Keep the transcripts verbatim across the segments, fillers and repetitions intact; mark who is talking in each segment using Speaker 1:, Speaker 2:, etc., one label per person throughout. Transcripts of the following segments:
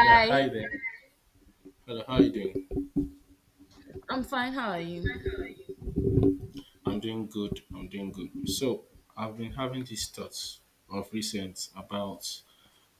Speaker 1: Yeah, hi there. Hello, how are you doing?
Speaker 2: I'm fine. How are you?
Speaker 1: I'm doing good. I'm doing good. So I've been having these thoughts of recent about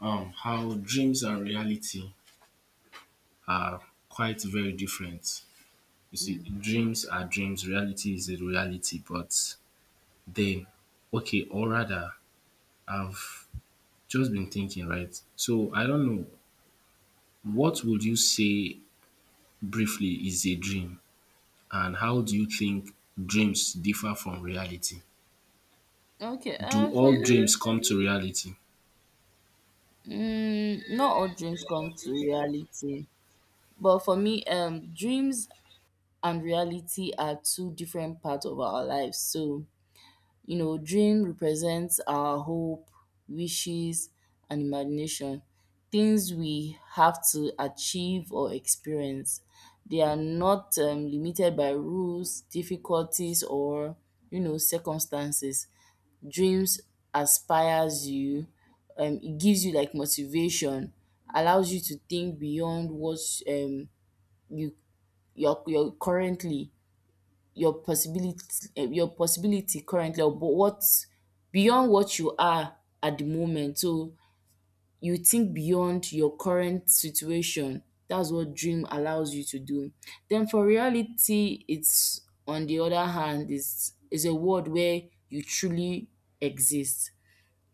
Speaker 1: um how dreams and reality are quite very different. You see,
Speaker 2: Mm.
Speaker 1: dreams are dreams, reality is a reality, but then okay, or rather I've just been thinking, right? So I don't know, what would you say briefly is a dream, and how do you think dreams differ from reality?
Speaker 2: Okay,
Speaker 1: Do
Speaker 2: uh, for
Speaker 1: all
Speaker 2: me,
Speaker 1: dreams come to reality?
Speaker 2: mm, not all dreams come to reality, but for me, um, dreams and reality are two different parts of our lives. So, you know, dream represents our hope, wishes, and imagination, things we have to achieve or experience. They are not um, limited by rules, difficulties, or you know, circumstances. Dreams aspires you, um, it gives you like motivation, allows you to think beyond what um you your your currently, your possibility, eh, your possibility currently, or but what beyond what you are at the moment. So you think beyond your current situation. That's what dream allows you to do. Then for reality, it's, on the other hand, is is a world where you truly exist.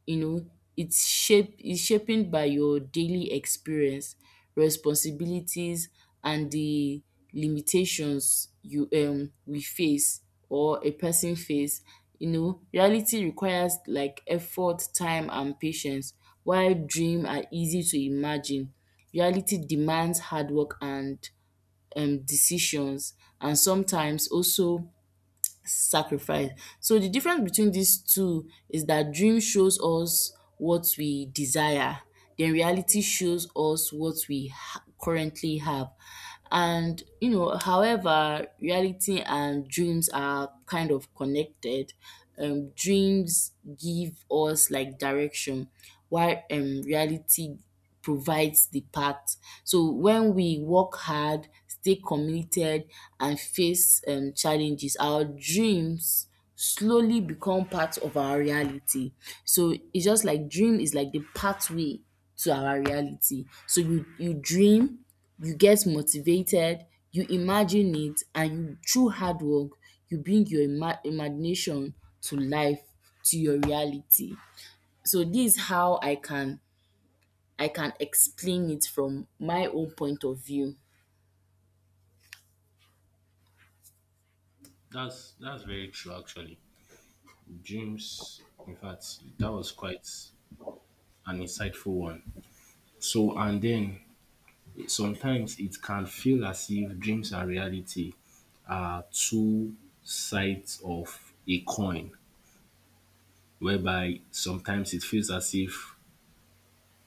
Speaker 2: you know it's shape is shaping by your daily experience, responsibilities, and the limitations you um we face or a person face. You know reality requires like effort, time, and patience, while dream are easy to imagine. Reality demands hard work and um decisions, and sometimes also sacrifice. So the difference between these two is that dream shows us what we desire, then reality shows us what we ha- currently have. And you know, however, reality and dreams are kind of connected. Um, dreams give us like direction, while um reality provides the path. So when we work hard, stay committed, and face um, challenges, our dreams slowly become part of our reality. So it's just like dream is like the pathway to our reality. So you you dream, you get motivated, you imagine it, and you through hard work, you bring your ima- imagination to life, to your reality. So this is how I can I can explain it from my own point of view.
Speaker 1: That's that's very true actually. Dreams, in fact that was quite an insightful one. So and then sometimes it can feel as if dreams and reality are two sides of a coin, whereby sometimes it feels as if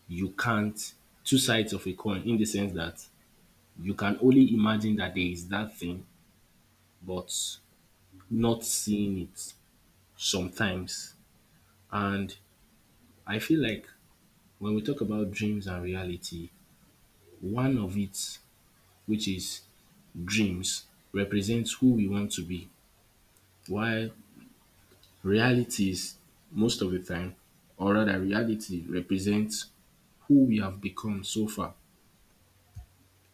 Speaker 1: you can't. Two sides of a coin in the sense that you can only imagine that there is that thing but not seeing it sometimes. And I feel like when we talk about dreams and reality, one of it, which is dreams, represents who we want to be, while reality is, most of the time, or rather, reality represents who we have become so far.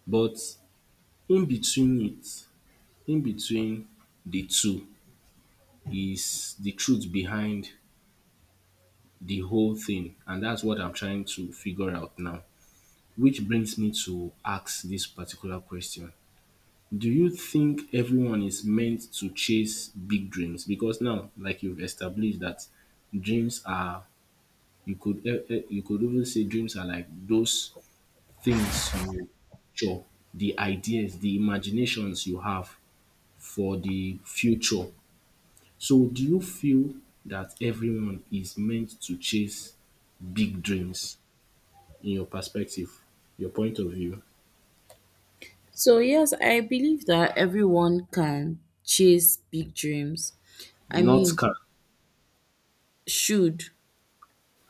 Speaker 1: But in between it, in between the two, is the truth behind the whole thing. And that's what I'm trying to figure out now. Which brings me to ask this particular question: do you think everyone is meant to chase big dreams? Because now, like you've established that dreams are, you could eh, eh, you could even say dreams are like those things you picture, the ideas, the imaginations you have for the future. So, do you feel that everyone is meant to chase big dreams in your perspective, your point of view?
Speaker 2: So, yes, I believe that everyone can chase big dreams. I
Speaker 1: Not
Speaker 2: mean,
Speaker 1: can.
Speaker 2: should,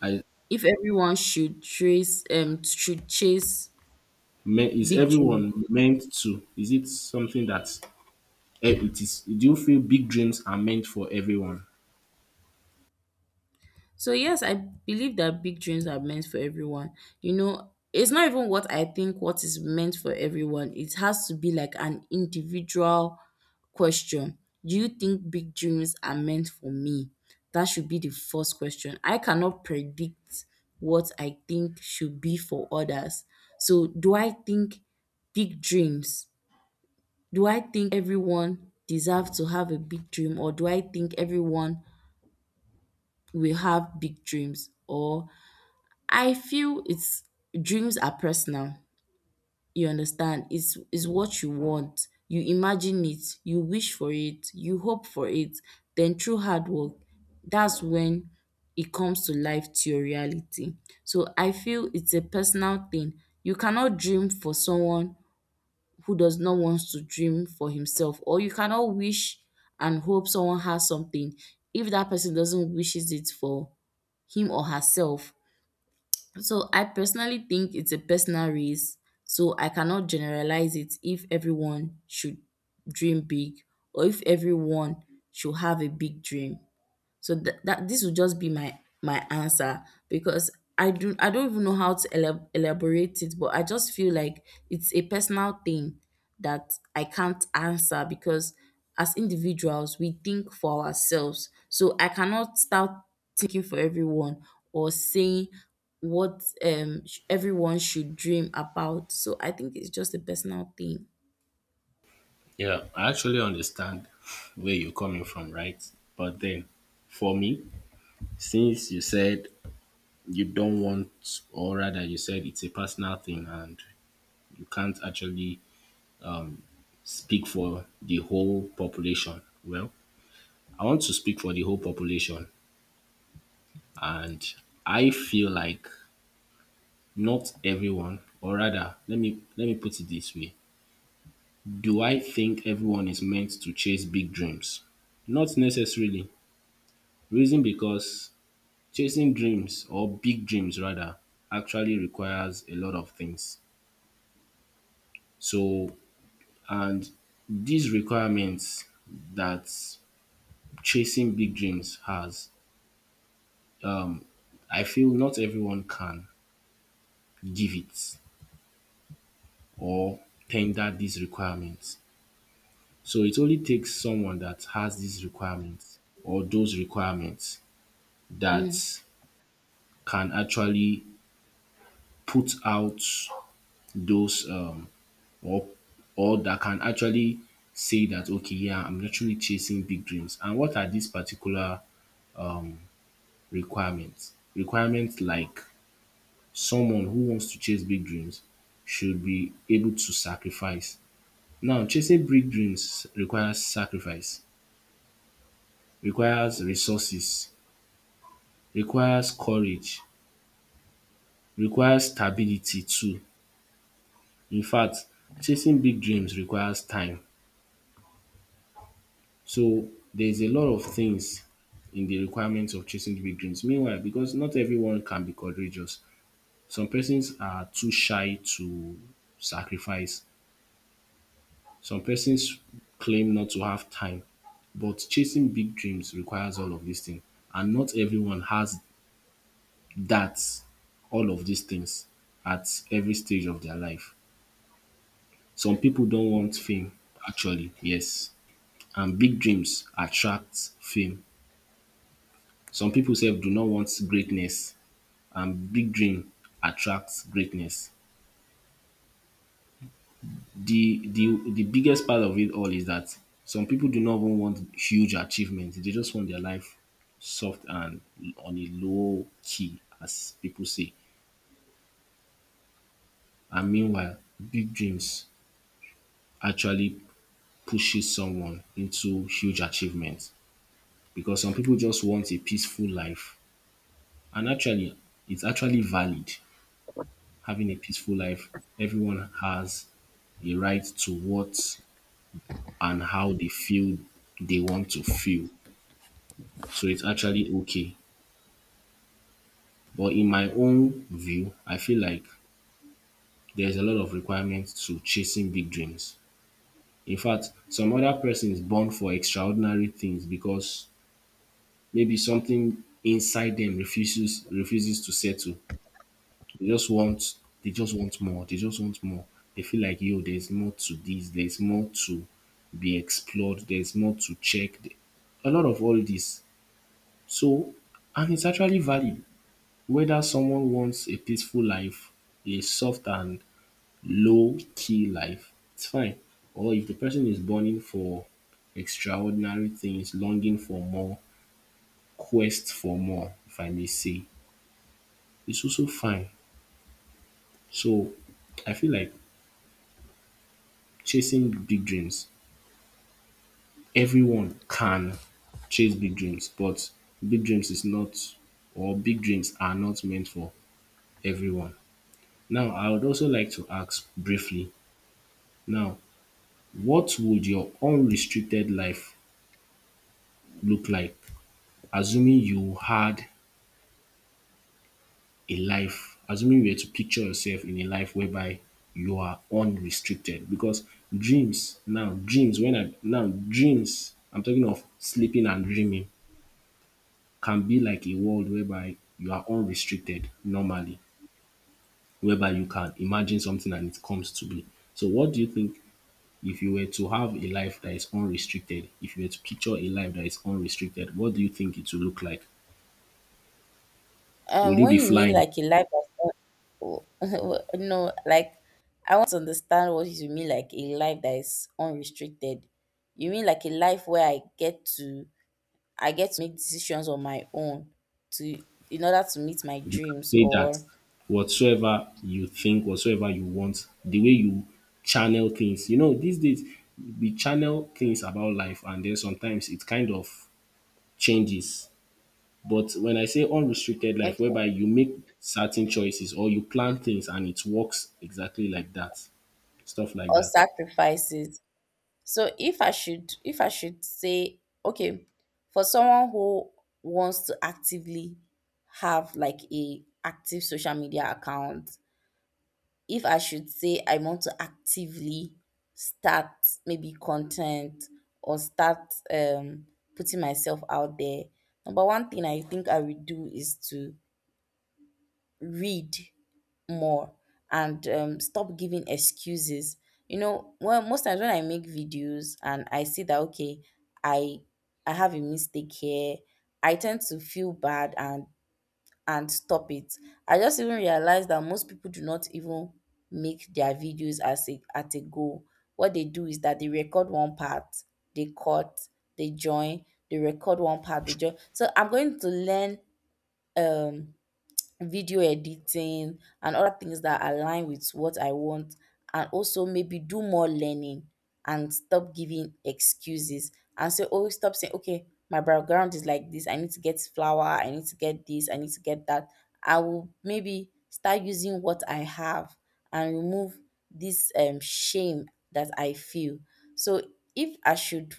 Speaker 1: I.
Speaker 2: if everyone should chase um should chase
Speaker 1: Me is
Speaker 2: big dreams.
Speaker 1: everyone meant to? Is it something that eh, it is? Do you feel big dreams are meant for everyone?
Speaker 2: So yes, I believe that big dreams are meant for everyone. You know, it's not even what I think what is meant for everyone. It has to be like an individual question. Do you think big dreams are meant for me? That should be the first question. I cannot predict what I think should be for others. So do I think big dreams? Do I think everyone deserves to have a big dream, or do I think everyone will have big dreams, or I feel it's, dreams are personal. You understand? It's it's what you want. You imagine it, you wish for it, you hope for it. Then through hard work, that's when it comes to life, to your reality. So I feel it's a personal thing. You cannot dream for someone who does not want to dream for himself, or you cannot wish and hope someone has something if that person doesn't wishes it for him or herself, so I personally think it's a personal race, so I cannot generalize it if everyone should dream big or if everyone should have a big dream. So th- that this will just be my my answer, because I do I don't even know how to elab- elaborate it, but I just feel like it's a personal thing that I can't answer because as individuals we think for ourselves. So I cannot start thinking for everyone or saying what um sh- everyone should dream about. So I think it's just a personal thing.
Speaker 1: Yeah, I actually understand where you're coming from, right? But then, for me, since you said you don't want, or rather, you said it's a personal thing and you can't actually speak for the whole population, well, I want to speak for the whole population, and I feel like not everyone, or rather, let me let me put it this way. Do I think everyone is meant to chase big dreams? Not necessarily. Reason because chasing dreams, or big dreams rather, actually requires a lot of things. So, and these requirements that chasing big dreams has, I feel not everyone can give it or tender these requirements. So it only takes someone that has these requirements, or those requirements, that
Speaker 2: Mm.
Speaker 1: can actually put out those um or or that can actually say that okay, yeah, I'm actually chasing big dreams. And what are these particular requirements? Requirements like someone who wants to chase big dreams should be able to sacrifice. Now chasing big dreams requires sacrifice, requires resources, requires courage, requires stability too. In fact, chasing big dreams requires time. So there's a lot of things in the requirements of chasing the big dreams. Meanwhile, because not everyone can be courageous, some persons are too shy to sacrifice, some persons claim not to have time. But chasing big dreams requires all of these things, and not everyone has that, all of these things at every stage of their life. Some people don't want fame, actually, yes. And big dreams attract fame. Some people sef do not want greatness, and big dream attracts greatness. The, the, the biggest part of it all is that some people do not even want huge achievements. They just want their life soft and on a low key, as people say. And meanwhile, big dreams actually pushes someone into huge achievements, because some people just want a peaceful life. And actually, it's actually valid. Having a peaceful life, everyone has a right to what and how they feel they want to feel. So it's actually okay. But in my own view, I feel like there's a lot of requirements to chasing big dreams. In fact, some other person is born for extraordinary things because maybe something inside them refuses refuses to settle. They just want they just want more. They just want more. They feel like yo, there's more to this, there's more to be explored, there's more to check. th- A lot of all this. So and it's actually valid. Whether someone wants a peaceful life, a soft and low key life, it's fine. Or if the person is burning for extraordinary things, longing for more, quest for more, if I may say, it's also fine. So I feel like chasing big dreams. Everyone can chase big dreams, but big dreams is not, or big dreams are not meant for everyone. Now, I would also like to ask briefly now, what would your unrestricted life look like, assuming you had a life, assuming you were to picture yourself in a life whereby you are unrestricted? Because dreams now, dreams, when I now, dreams, I'm talking of sleeping and dreaming, can be like a world whereby you are unrestricted normally, whereby you can imagine something and it comes to be. So, what do you think, if you were to have a life that is unrestricted, if you were to picture a life that is unrestricted, what do you think it will look like?
Speaker 2: Um,
Speaker 1: Will you
Speaker 2: when
Speaker 1: be
Speaker 2: you mean
Speaker 1: flying?
Speaker 2: like a life that's un- no, like, I want to understand what you mean, like a life that is unrestricted. You mean like a life where I get to I get to make decisions on my own, to in order to meet my
Speaker 1: You can
Speaker 2: dreams,
Speaker 1: say that
Speaker 2: or,
Speaker 1: whatsoever you think, whatsoever you want, the way you channel things. You know, these days we channel things about life and then sometimes it kind of changes. But when I say unrestricted life,
Speaker 2: okay,
Speaker 1: whereby you make certain choices or you plan things and it works exactly like that, stuff like
Speaker 2: or
Speaker 1: that.
Speaker 2: sacrifices. So if I should if I should say okay, for someone who wants to actively have like a active social media account, if I should say I want to actively start maybe content, or start um, putting myself out there, number one thing I think I would do is to read more, and um, stop giving excuses. You know, well, most times when I make videos and I see that, okay, I I have a mistake here, I tend to feel bad and and stop it. I just even realized that most people do not even make their videos as a at a goal. What they do is that they record one part, they cut, they join, they record one part, they join. So I'm going to learn um video editing and other things that align with what I want, and also maybe do more learning, and stop giving excuses, and say, oh, stop saying, okay, my background is like this, I need to get flour, I need to get this, I need to get that. I will maybe start using what I have and remove this um shame that I feel. So if I should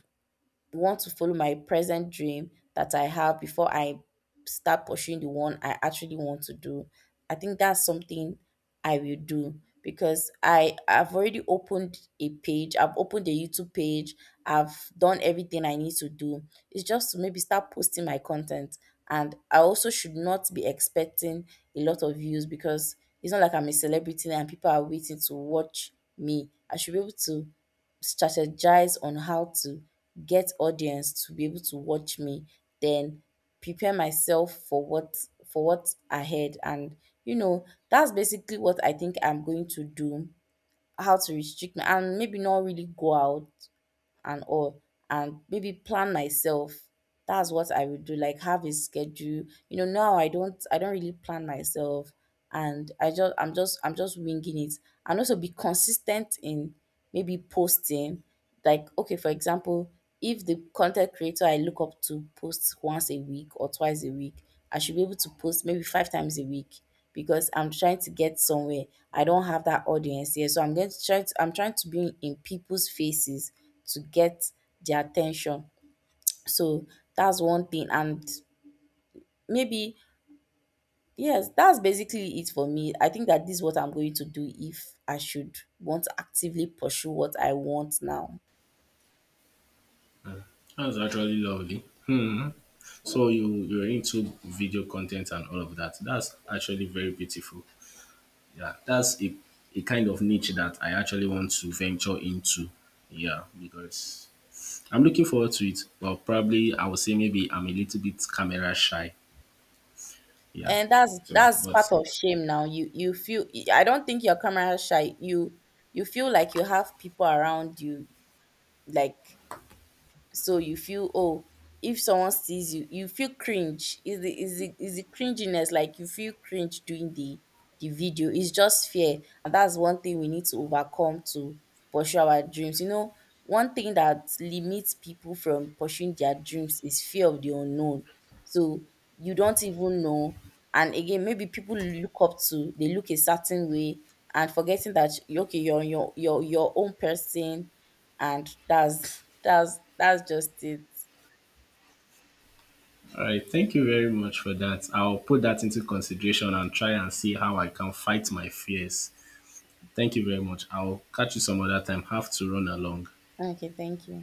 Speaker 2: want to follow my present dream that I have before I start pursuing the one I actually want to do. I think that's something I will do because I I've already opened a page, I've opened a YouTube page, I've done everything I need to do. It's just to maybe start posting my content. And I also should not be expecting a lot of views, because it's not like I'm a celebrity and people are waiting to watch me. I should be able to strategize on how to get audience to be able to watch me, then prepare myself for what for what's ahead. And you know that's basically what I think I'm going to do, how to restrict my and maybe not really go out and all, and maybe plan myself. That's what I would do, like have a schedule. You know now i don't i don't really plan myself, and i just i'm just i'm just winging it. And also be consistent in maybe posting, like okay, for example, if the content creator I look up to posts once a week or twice a week, I should be able to post maybe five times a week, because I'm trying to get somewhere. I don't have that audience here, so I'm going to try to I'm trying to be in people's faces to get their attention. So that's one thing. And maybe, yes, that's basically it for me. I think that this is what I'm going to do if I should want to actively pursue what I want now.
Speaker 1: That's actually lovely. Hmm. So you, you're into video content and all of that. That's actually very beautiful. Yeah, that's a, a kind of niche that I actually want to venture into. Yeah, because I'm looking forward to it. But probably I would say maybe I'm a little bit camera shy. Yeah.
Speaker 2: And that's
Speaker 1: So,
Speaker 2: that's part
Speaker 1: but
Speaker 2: of shame now. You you feel. I don't think you're camera shy. You you feel like you have people around you, like, so you feel, oh, if someone sees you you feel cringe, is the is the is the cringiness, like you feel cringe doing the the video. It's just fear, and that's one thing we need to overcome to pursue our dreams. You know one thing that limits people from pursuing their dreams is fear of the unknown. So you don't even know. And again, maybe people look up to, they look a certain way, and forgetting that, okay, you're your your your own person. And that's that's that's just it.
Speaker 1: all right, thank you very much for that. I'll put that into consideration and try and see how I can fight my fears. Thank you very much. I'll catch you some other time. Have to run along.
Speaker 2: Okay, thank you.